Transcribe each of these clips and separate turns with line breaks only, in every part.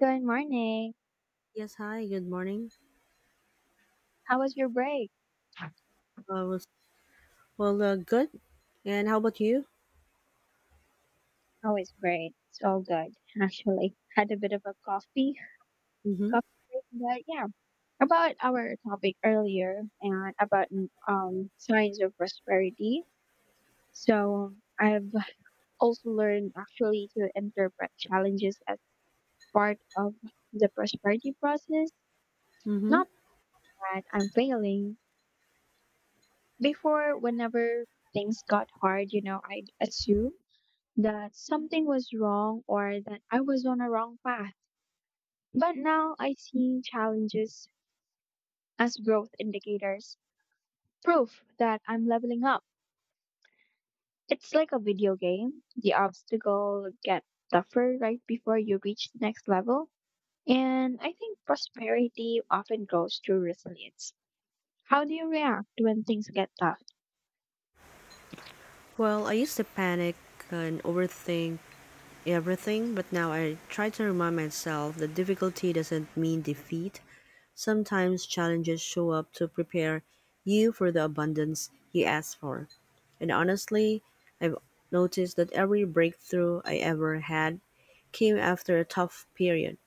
Good morning.
Yes, hi, good morning.
How was your break?
I was Well, good. And how about you?
Oh, it's great. It's all good, actually. Had a bit of a coffee,
Mm-hmm.
coffee break, but yeah, about our topic earlier and about signs of prosperity. So I've also learned actually to interpret challenges as part of the prosperity process.
Mm-hmm.
Not that I'm failing. Before, whenever things got hard, I'd assume that something was wrong or that I was on a wrong path. But now I see challenges as growth indicators, proof that I'm leveling up. It's like a video game. The obstacle get tougher right before you reach the next level. And I think prosperity often grows through resilience. How do you react when things get tough?
Well, I used to panic and overthink everything, but now I try to remind myself that difficulty doesn't mean defeat. Sometimes challenges show up to prepare you for the abundance you ask for. And honestly, I've noticed that every breakthrough I ever had came after a tough period.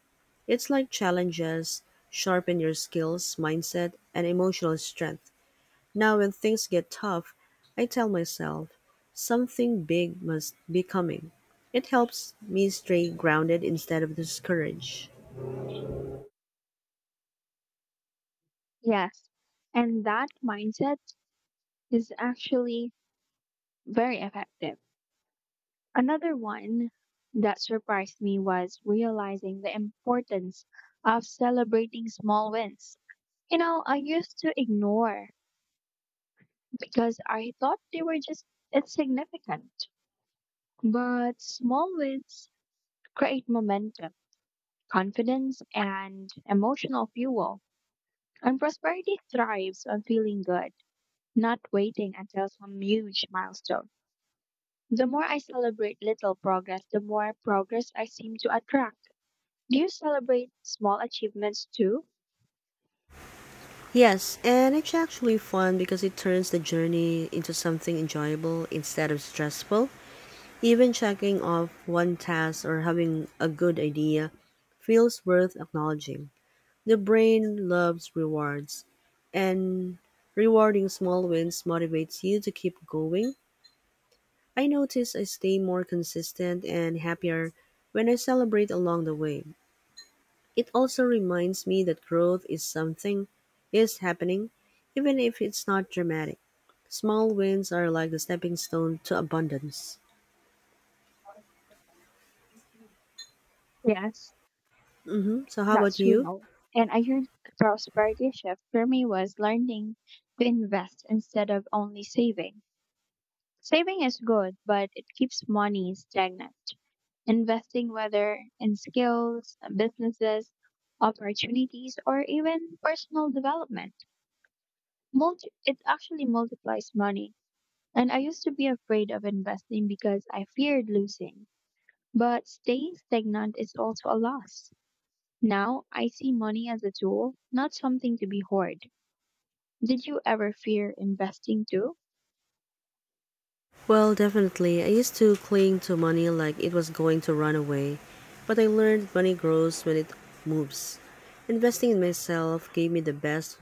It's like challenges sharpen your skills, mindset, and emotional strength. Now, when things get tough, I tell myself something big must be coming. It helps me stay grounded instead of discouraged.
Yes. And that mindset is actually very effective. Another one that surprised me was realizing the importance of celebrating small wins. You know, I used to ignore because I thought they were just insignificant. But small wins create momentum, confidence, and emotional fuel. And prosperity thrives on feeling good, not waiting until some huge milestone. The more I celebrate little progress, the more progress I seem to attract. Do you celebrate small achievements too?
Yes, and it's actually fun because it turns the journey into something enjoyable instead of stressful. Even checking off one task or having a good idea feels worth acknowledging. The brain loves rewards, and rewarding small wins motivates you to keep going. I notice I stay more consistent and happier when I celebrate along the way. It also reminds me that growth is something is happening even if it's not dramatic. Small wins are like the stepping stone to abundance.
Yes,
Mhm. So how about
that's
you?
real. And a huge prosperity shift for me was learning to invest instead of only saving. Saving is good, but it keeps money stagnant. Investing, whether in skills, businesses, opportunities, or even personal development, it actually multiplies money. And I used to be afraid of investing because I feared losing. But staying stagnant is also a loss. Now I see money as a tool, not something to be hoarded. Did you ever fear investing too?
Well, definitely. I used to cling to money like it was going to run away, but I learned money grows when it moves. Investing in myself gave me the best,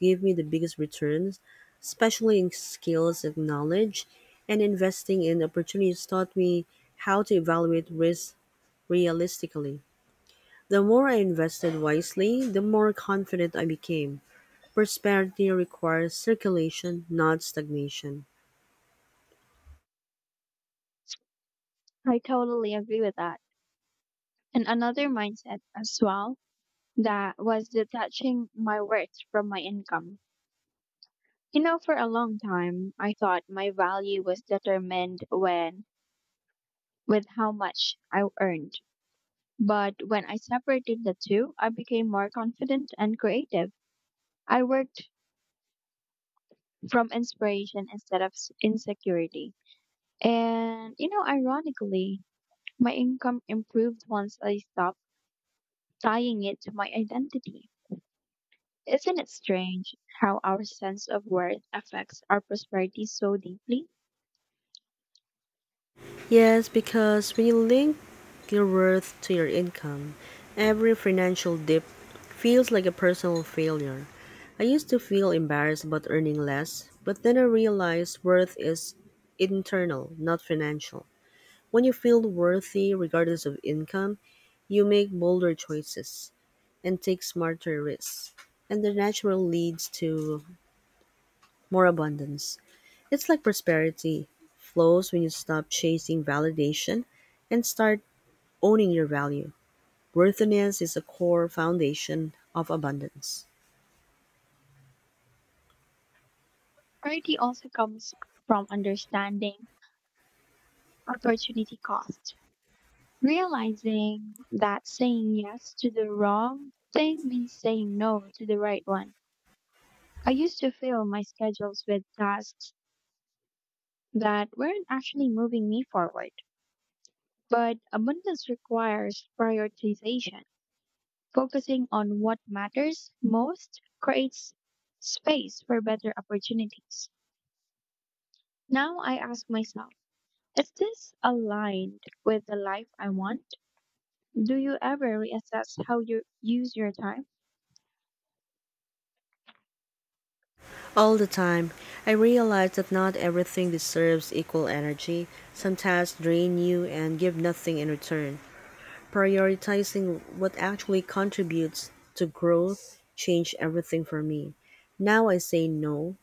gave me the biggest returns, especially in skills and knowledge, and investing in opportunities taught me how to evaluate risk realistically. The more I invested wisely, the more confident I became. Prosperity requires circulation, not stagnation.
I totally agree with that. And another mindset as well that was detaching my worth from my income. You know, for a long time, I thought my value was determined when with how much I earned. But when I separated the two, I became more confident and creative. I worked from inspiration instead of insecurity. And, you know, ironically, my income improved once I stopped tying it to my identity. Isn't it strange how our sense of worth affects our prosperity so deeply?
Yes, because when you link your worth to your income, every financial dip feels like a personal failure. I used to feel embarrassed about earning less, but then I realized worth is internal, not financial. When you feel worthy regardless of income, you make bolder choices and take smarter risks. And the natural leads to more abundance. It's like prosperity flows when you stop chasing validation and start owning your value. Worthiness is a core foundation of abundance.
Prosperity also comes from understanding opportunity cost. Realizing that saying yes to the wrong thing means saying no to the right one. I used to fill my schedules with tasks that weren't actually moving me forward. But abundance requires prioritization. Focusing on what matters most creates space for better opportunities. Now I ask myself, is this aligned with the life I want? Do you ever reassess how you use your time?
All the time, I realize that not everything deserves equal energy. Some tasks drain you and give nothing in return. Prioritizing what actually contributes to growth changed everything for me. Now I say no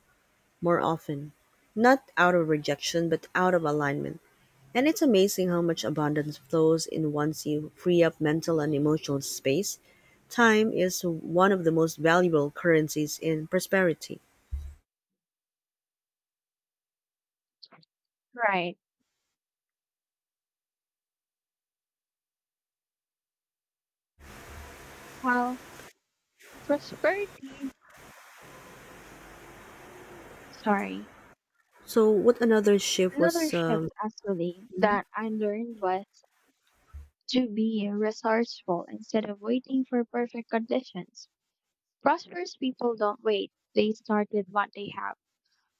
more often, not out of rejection, but out of alignment. And it's amazing how much abundance flows in once you free up mental and emotional space. Time is one of the most valuable currencies in prosperity.
Right. Well, prosperity, sorry.
So, what another shift
Another
was
shift actually
Mm-hmm.
that I learned was to be resourceful instead of waiting for perfect conditions. Prosperous people don't wait, they start with what they have.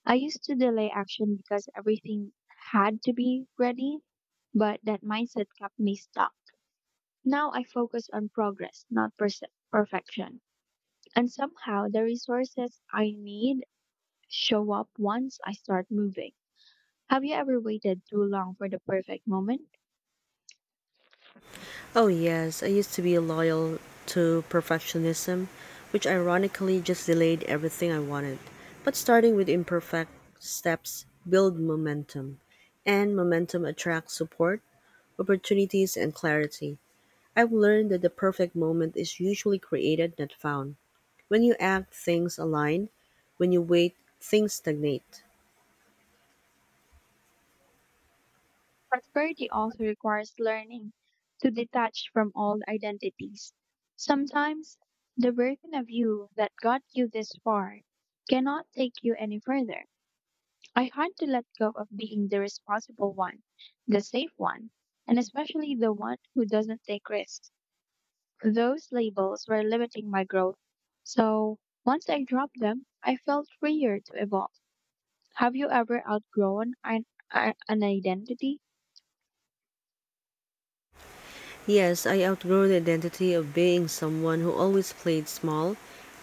I used to delay action because everything had to be ready, but that mindset kept me stuck. Now I focus on progress, not perse- perfection. And somehow the resources I need show up once I start moving. Have you ever waited too long for the perfect moment?
Oh, yes. I used to be loyal to perfectionism, which ironically just delayed everything I wanted. But starting with imperfect steps build momentum, and momentum attracts support, opportunities, and clarity. I've learned that the perfect moment is usually created, not found. When you act, things align. When you wait, things stagnate.
Prosperity also requires learning to detach from old identities. Sometimes the version of you that got you this far cannot take you any further. I had to let go of being the responsible one, the safe one, and especially the one who doesn't take risks. Those labels were limiting my growth. So once I dropped them, I felt freer to evolve. Have you ever outgrown an identity?
Yes, I outgrew the identity of being someone who always played small.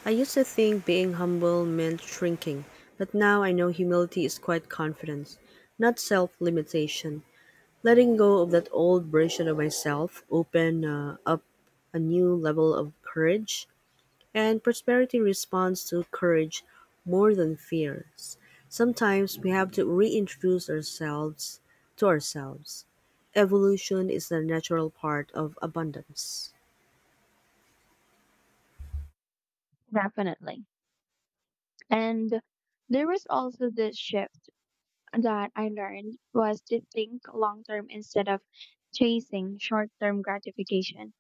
I used to think being humble meant shrinking, but now I know humility is quite confidence, not self limitation. Letting go of that old version of myself opened up a new level of courage. And prosperity responds to courage more than fear. Sometimes we have to reintroduce ourselves to ourselves. Evolution is the natural part of abundance.
Definitely. And there was also this shift that I learned was to think long term instead of chasing short term gratification.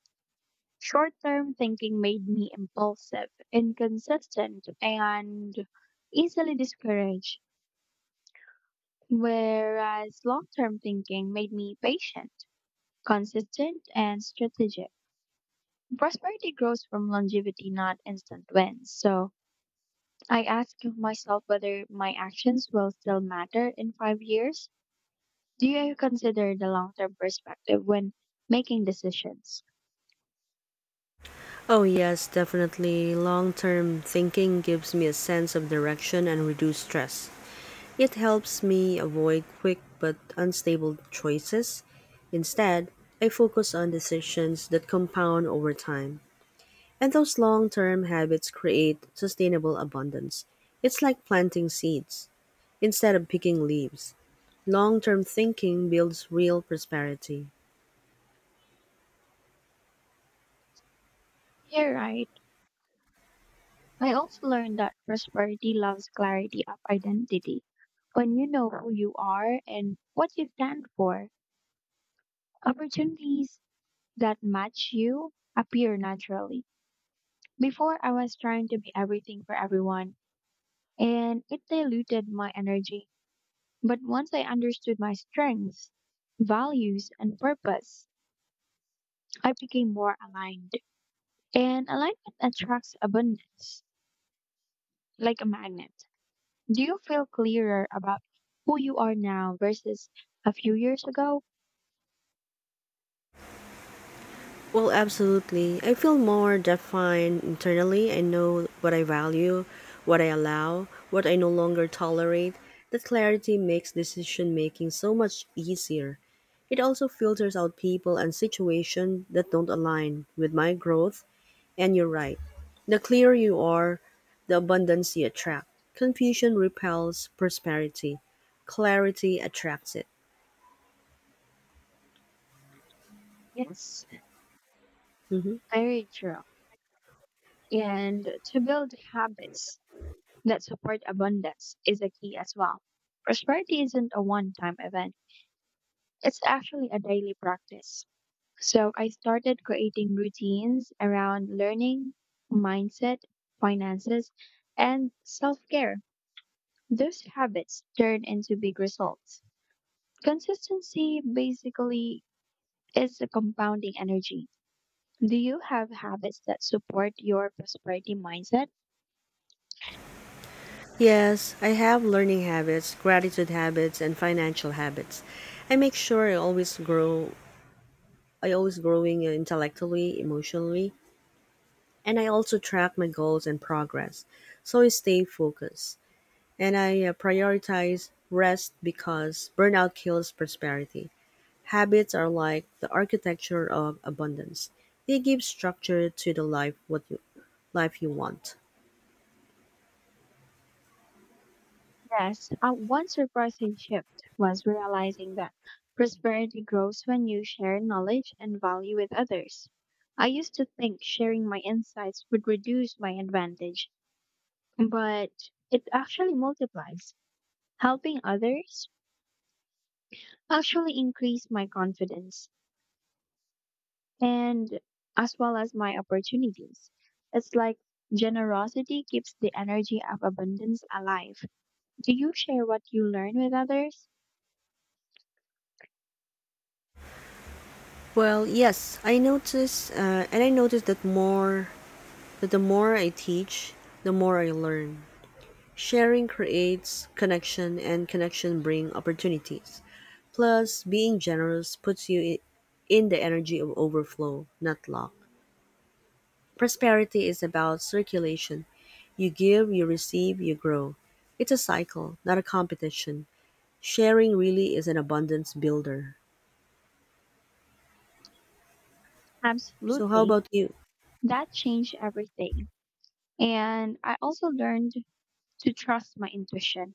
Short term thinking made me impulsive, inconsistent, and easily discouraged, whereas long term thinking made me patient, consistent, and strategic. Prosperity grows from longevity, not instant wins. So I ask myself whether my actions will still matter in 5 years. Do you consider the long term perspective when making decisions?
Oh, yes, definitely. Long term thinking gives me a sense of direction and reduced stress. It helps me avoid quick but unstable choices. Instead, I focus on decisions that compound over time. And those long term habits create sustainable abundance. It's like planting seeds instead of picking leaves. Long term thinking builds real prosperity.
You're right. I also learned that prosperity loves clarity of identity. When you know who you are and what you stand for, opportunities that match you appear naturally. Before, I was trying to be everything for everyone, and it diluted my energy. But once I understood my strengths, values, and purpose, I became more aligned. And alignment attracts abundance, like a magnet. Do you feel clearer about who you are now versus a few years ago?
Well, absolutely. I feel more defined internally. I know what I value, what I allow, what I no longer tolerate. That clarity makes decision making so much easier. It also filters out people and situations that don't align with my growth. And you're right. The clearer you are, the abundance you attract. Confusion repels prosperity. Clarity attracts it.
Yes,
Mhm.
very true. And to build habits that support abundance is a key as well. Prosperity isn't a one time event, it's actually a daily practice. So I started creating routines around learning, mindset, finances, and self care. Those habits turn into big results. Consistency basically is a compounding energy. Do you have habits that support your prosperity mindset?
Yes, I have learning habits, gratitude habits, and financial habits. I make sure I always grow. I always growing intellectually, emotionally, and I also track my goals and progress. So I stay focused and I prioritize rest because burnout kills prosperity. Habits are like the architecture of abundance. They give structure to the life you want.
Yes, one surprising shift was realizing that prosperity grows when you share knowledge and value with others. I used to think sharing my insights would reduce my advantage, but it actually multiplies. Helping others actually increased my confidence. And as well as my opportunities. It's like generosity keeps the energy of abundance alive. Do you share what you learn with others?
Well, yes, and I notice that more that the more I teach, the more I learn. Sharing creates connection, and connection bring opportunities. Plus, being generous puts you in the energy of overflow, not lack. Prosperity is about circulation. You give, you receive, you grow. It's a cycle, not a competition. Sharing really is an abundance builder. So, how
Absolutely.
about you?
That changed everything. And I also learned to trust my intuition.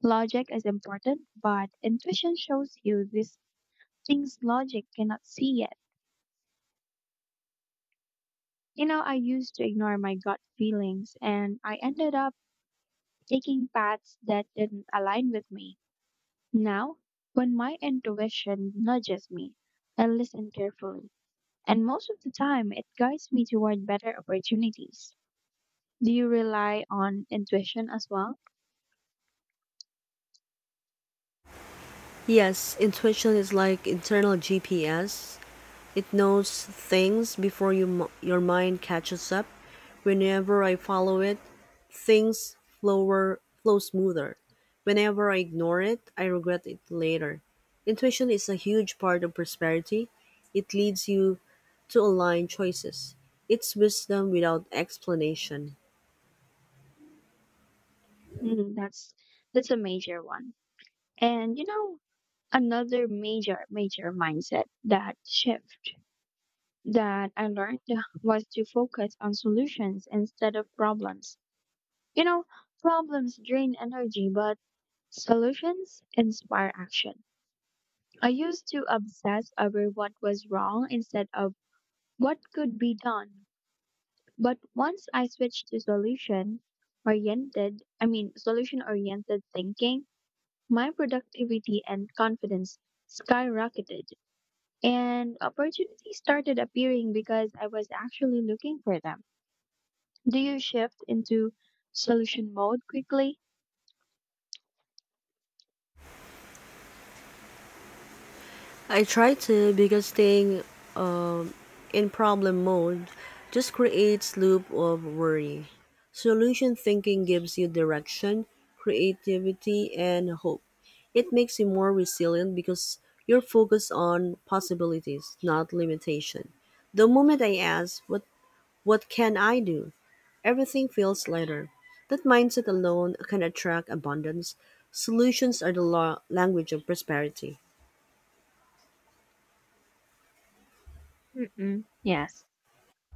Logic is important, but intuition shows you these things logic cannot see yet. You know, I used to ignore my gut feelings and I ended up taking paths that didn't align with me. Now, when my intuition nudges me, I listen carefully, and most of the time it guides me toward better opportunities. Do you rely on intuition as well?
Yes, intuition is like internal GPS. It knows things before your mind catches up. Whenever I follow it, things flow smoother. Whenever I ignore it, I regret it later. Intuition is a huge part of prosperity. It leads you to align choices. It's wisdom without explanation.
Hmm, that's a major one. And you know, another major mindset that shift that I learned was to focus on solutions instead of problems. You know, problems drain energy, but solutions inspire action. I used to obsess over what was wrong instead of what could be done. But once I switched to solution oriented thinking, my productivity and confidence skyrocketed. And opportunities started appearing because I was actually looking for them. Do you shift into solution mode quickly?
I try to because staying um, in problem mode just creates loop of worry. Solution thinking gives you direction, creativity, and hope. It makes you more resilient because you're focused on possibilities, not limitation. The moment I ask, what can I do? Everything feels lighter. That mindset alone can attract abundance. Solutions are the language of prosperity.
Mm-mm, yes.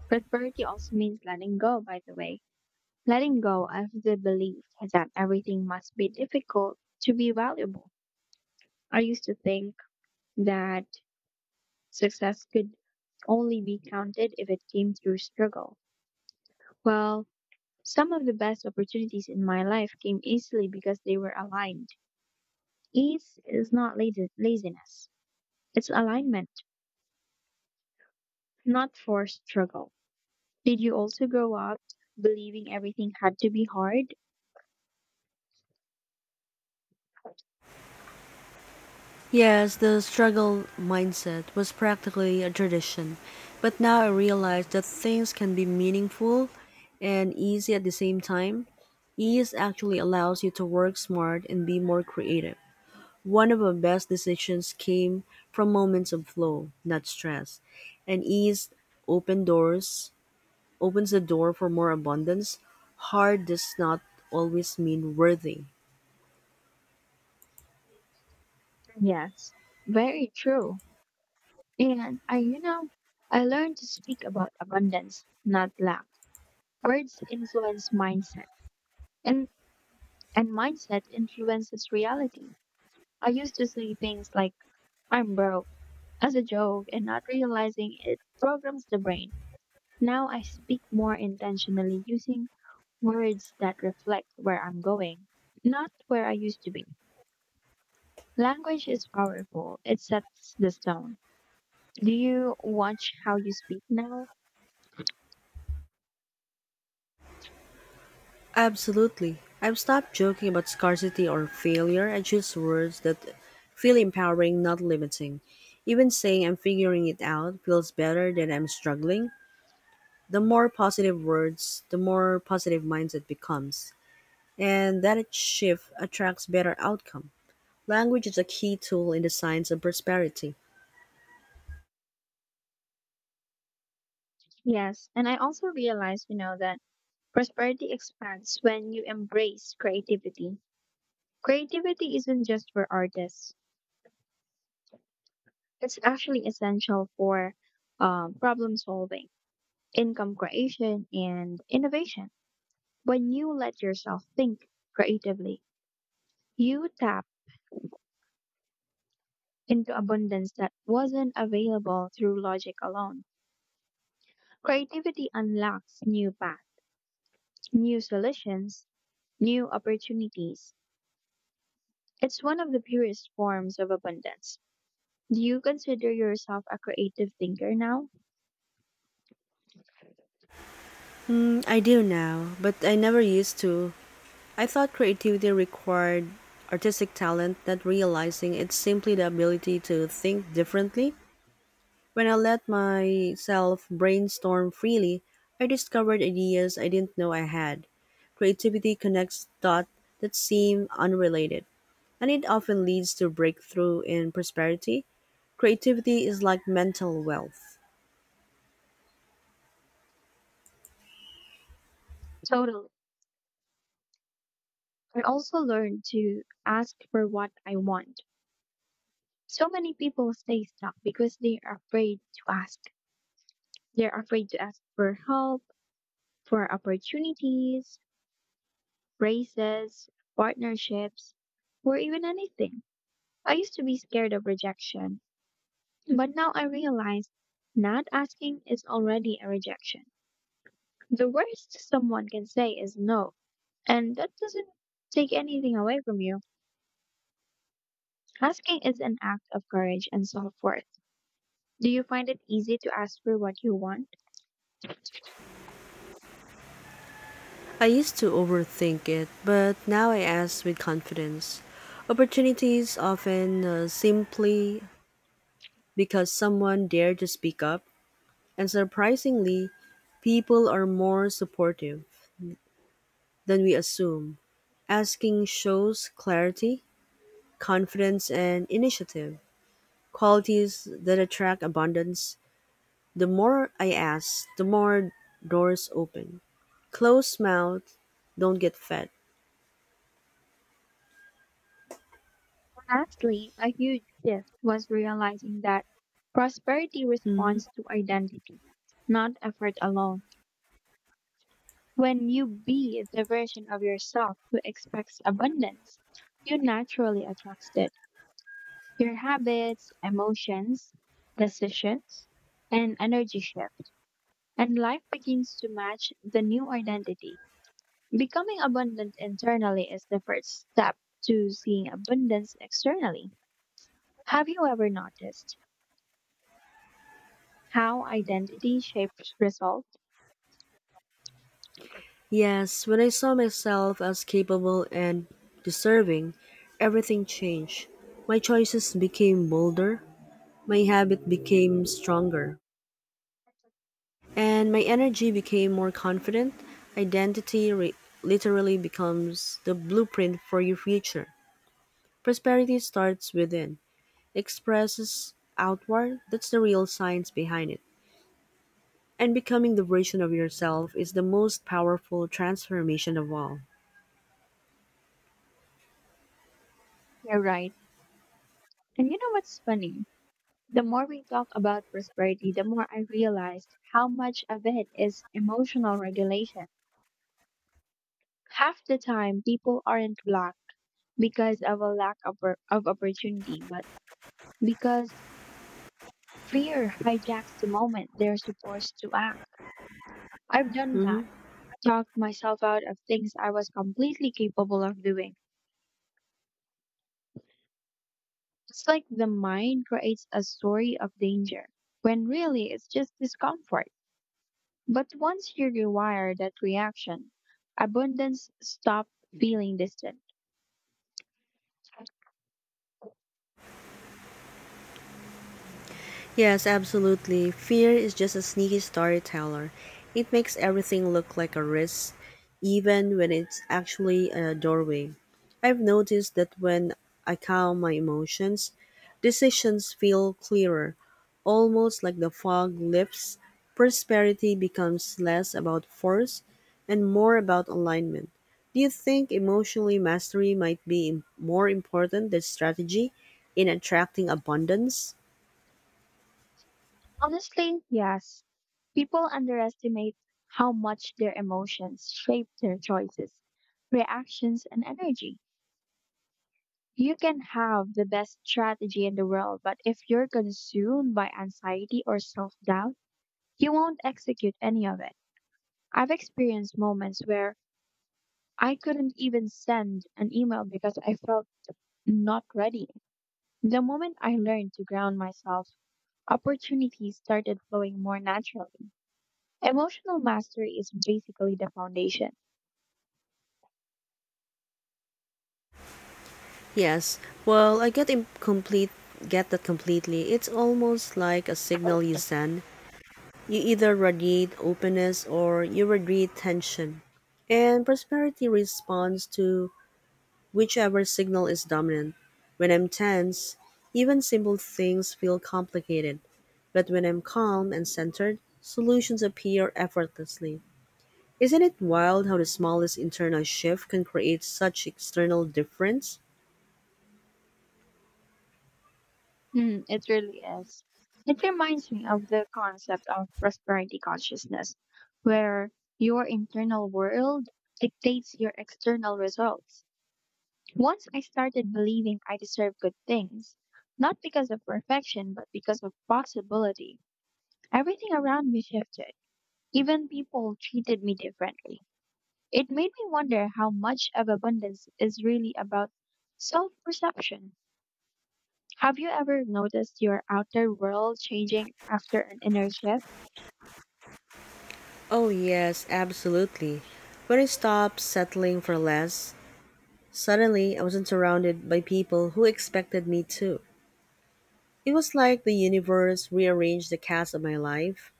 Prosperity also means letting go, by the way. Letting go of the belief that everything must be difficult to be valuable. I used to think that success could only be counted if it came through struggle. Well, some of the best opportunities in my life came easily because they were aligned. Ease is not laziness, it's alignment, not forced struggle. Did you also grow up believing everything had to be hard?
Yes, the struggle mindset was practically a tradition, but now I realize that things can be meaningful and easy at the same time. Ease actually allows you to work smart and be more creative. One of my best decisions came from moments of flow, not stress, and ease opened doors opens the door for more abundance, hard does not always mean worthy.
Yes, very true. And I, you know, I learned to speak about abundance, not lack. Words influence mindset, and mindset influences reality. I used to say things like "I'm broke" as a joke, and not realizing it programs the brain. Now I speak more intentionally, using words that reflect where I'm going, not where I used to be. Language is powerful; it sets the tone. Do you watch how you speak now?
Absolutely. I've stopped joking about scarcity or failure and choose words that feel empowering, not limiting. Even saying I'm figuring it out feels better than I'm struggling. The more positive words, the more positive mindset becomes. And that shift attracts better outcome. Language is a key tool in the science of prosperity.
Yes, and I also realized, you know, that prosperity expands when you embrace creativity. Creativity isn't just for artists, it's actually essential for problem solving, income creation, and innovation. When you let yourself think creatively, you tap into abundance that wasn't available through logic alone. Creativity unlocks new paths, new solutions, new opportunities. It's one of the purest forms of abundance. Do you consider yourself a creative thinker now?
Hmm, I do now, but I never used to. I thought creativity required artistic talent, not realizing it's simply the ability to think differently. When I let myself brainstorm freely, I discovered ideas I didn't know I had. Creativity connects dots that seem unrelated, and it often leads to breakthrough in prosperity. Creativity is like mental wealth.
Totally. I also learned to ask for what I want. So many people stay stuck because they are afraid to ask. They're afraid to ask for help, for opportunities, raises, partnerships, or even anything. I used to be scared of rejection, but now I realize not asking is already a rejection. The worst someone can say is no. And that doesn't take anything away from you. Asking is an act of courage and self worth. Do you find it easy to ask for what you want?
I used to overthink it, but now I ask with confidence. Opportunities often simply because someone dared to speak up, and surprisingly, people are more supportive than we assume. Asking shows clarity, confidence, and initiative, qualities that attract abundance. The more I ask, the more doors open. Closed mouth, don't get fed.
Lastly, a huge shift was realizing that prosperity responds to identity, not effort alone. When you be the version of yourself who expects abundance, you naturally attract it. Your habits, emotions, decisions, and energy shift, and life begins to match the new identity. Becoming abundant internally is the first step to seeing abundance externally. Have you ever noticed how identity shapes results?
Yes, when I saw myself as capable and deserving, everything changed. My choices became bolder, my habit became stronger, and my energy became more confident. Identity re- literally becomes the blueprint for your future. Prosperity starts within, expresses outward. That's the real science behind it. And becoming the version of yourself is the most powerful transformation of all.
You're right. And you know what's funny? The more we talk about prosperity, the more I realized how much of it is emotional regulation. Half the time, people aren't blocked because of a lack of, of opportunity, but because fear hijacks the moment they're supposed to act. I've done that,
Mm-hmm.
talked myself out of things I was completely capable of doing. It's like the mind creates a story of danger, when really it's just discomfort. But once you rewire that reaction, abundance stops feeling distant.
Yes, absolutely. Fear is just a sneaky storyteller. It makes everything look like a risk, even when it's actually a doorway. I've noticed that when I calm my emotions, decisions feel clearer, almost like the fog lifts. Prosperity becomes less about force and more about alignment. Do you think emotionally mastery might be more important than strategy in attracting abundance?
Honestly, yes, people underestimate how much their emotions shape their choices, reactions, and energy. You can have the best strategy in the world, but if you're consumed by anxiety or self doubt, you won't execute any of it. I've experienced moments where I couldn't even send an email because I felt not ready. The moment I learned to ground myself, opportunities started flowing more naturally. Emotional mastery is basically the foundation.
Yes. Well, I get that completely. It's almost like a signal you send. You either radiate openness or you radiate tension. And prosperity responds to whichever signal is dominant. When I'm tense, even simple things feel complicated. But when I'm calm and centered, solutions appear effortlessly. Isn't it wild how the smallest internal shift can create such external difference?
Hmm, it really is. It reminds me of the concept of prosperity consciousness, where your internal world dictates your external results. Once I started believing I deserve good things, not because of perfection, but because of possibility. Everything around me shifted. Even people treated me differently. It made me wonder how much of abundance is really about self perception. Have you ever noticed your outer world changing after an inner shift?
Oh, yes, absolutely. When I stopped settling for less, suddenly I wasn't surrounded by people who expected me to. It was like the universe rearranged the cast of my life.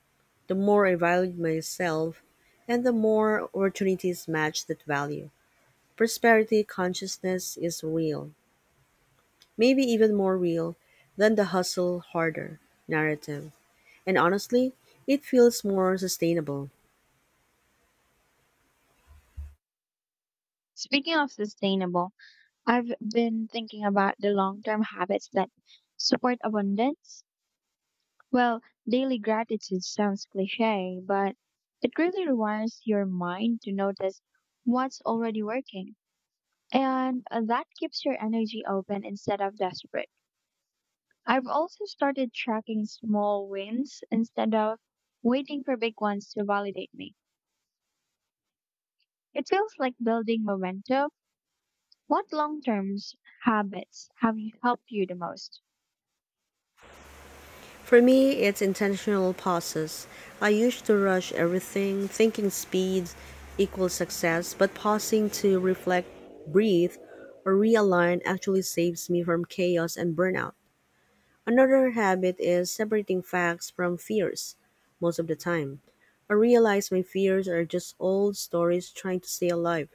The more I valued myself, and the more opportunities matched that value. Prosperity consciousness is real, maybe even more real than the hustle harder narrative. And honestly, it feels more sustainable.
Speaking of sustainable, I've been thinking about the long term habits that support abundance. Well, daily gratitude sounds cliche, but it really rewires your mind to notice what's already working. And that keeps your energy open instead of desperate. I've also started tracking small wins instead of waiting for big ones to validate me. It feels like building momentum. What long term habits have you helped you the most?
For me, it's intentional pauses. I used to rush everything, thinking speed equals success, but pausing to reflect, breathe, or realign actually saves me from chaos and burnout. Another habit is separating facts from fears most of the time. I realize my fears are just old stories trying to stay alive.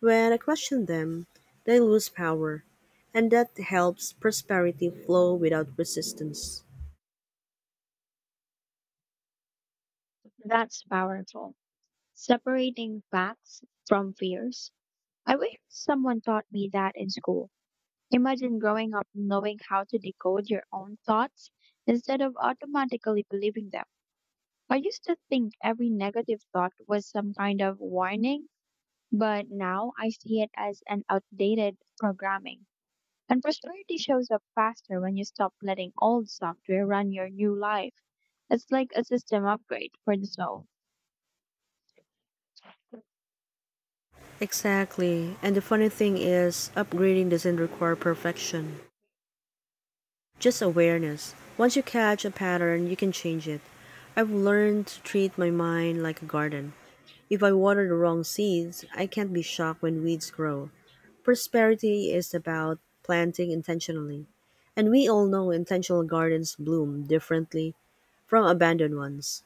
When I question them, they lose power, and that helps prosperity flow without resistance.
That's powerful. Separating facts from fears. I wish someone taught me that in school. Imagine growing up knowing how to decode your own thoughts instead of automatically believing them. I used to think every negative thought was some kind of warning, but now I see it as an outdated programming. And prosperity shows up faster when you stop letting old software run your new life. It's like a system upgrade for the soul.
Exactly. And the funny thing is, upgrading doesn't require perfection, just awareness. Once you catch a pattern, you can change it. I've learned to treat my mind like a garden. If I water the wrong seeds, I can't be shocked when weeds grow. Prosperity is about planting intentionally. And we all know intentional gardens bloom differently from abandoned ones.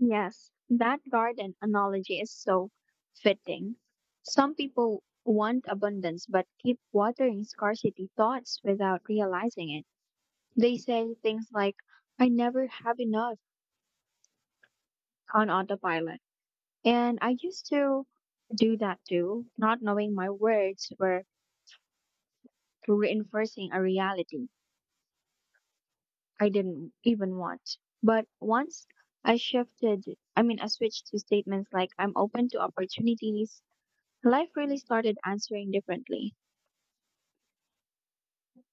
Yes, that garden analogy is so fitting. Some people want abundance but keep watering scarcity thoughts without realizing it. They say things like, I never have enough on autopilot. And I used to do that too, not knowing my words were reinforcing a reality I didn't even want. But once I shifted, I switched to statements like, I'm open to opportunities. Life really started answering differently.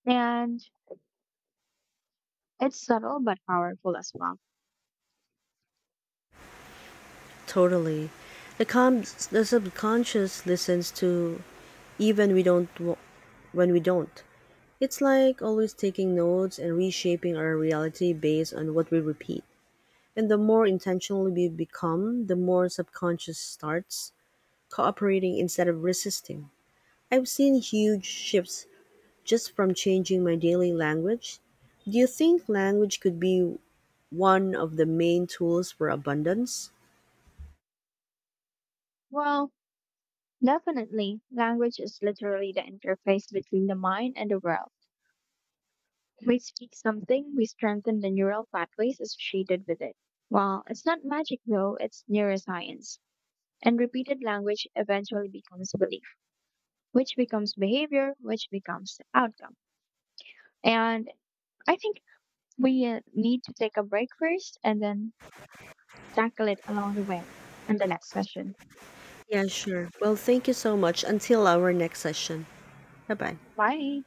And it's subtle but powerful as well.
Totally. The the subconscious listens to even we don't w- when we don't. It's like always taking notes and reshaping our reality based on what we repeat. And the more intentional we become, the more subconscious starts cooperating instead of resisting. I've seen huge shifts just from changing my daily language. Do you think language could be one of the main tools for abundance?
Well, definitely, language is literally the interface between the mind and the world. We speak something, we strengthen the neural pathways associated with it. Well, it's not magic though, it's neuroscience. And repeated language eventually becomes belief, which becomes behavior, which becomes outcome. And I think we need to take a break first and then tackle it along the way in the next session.
Yeah, sure. Well, thank you so much. Until our next session. Bye bye.
Bye.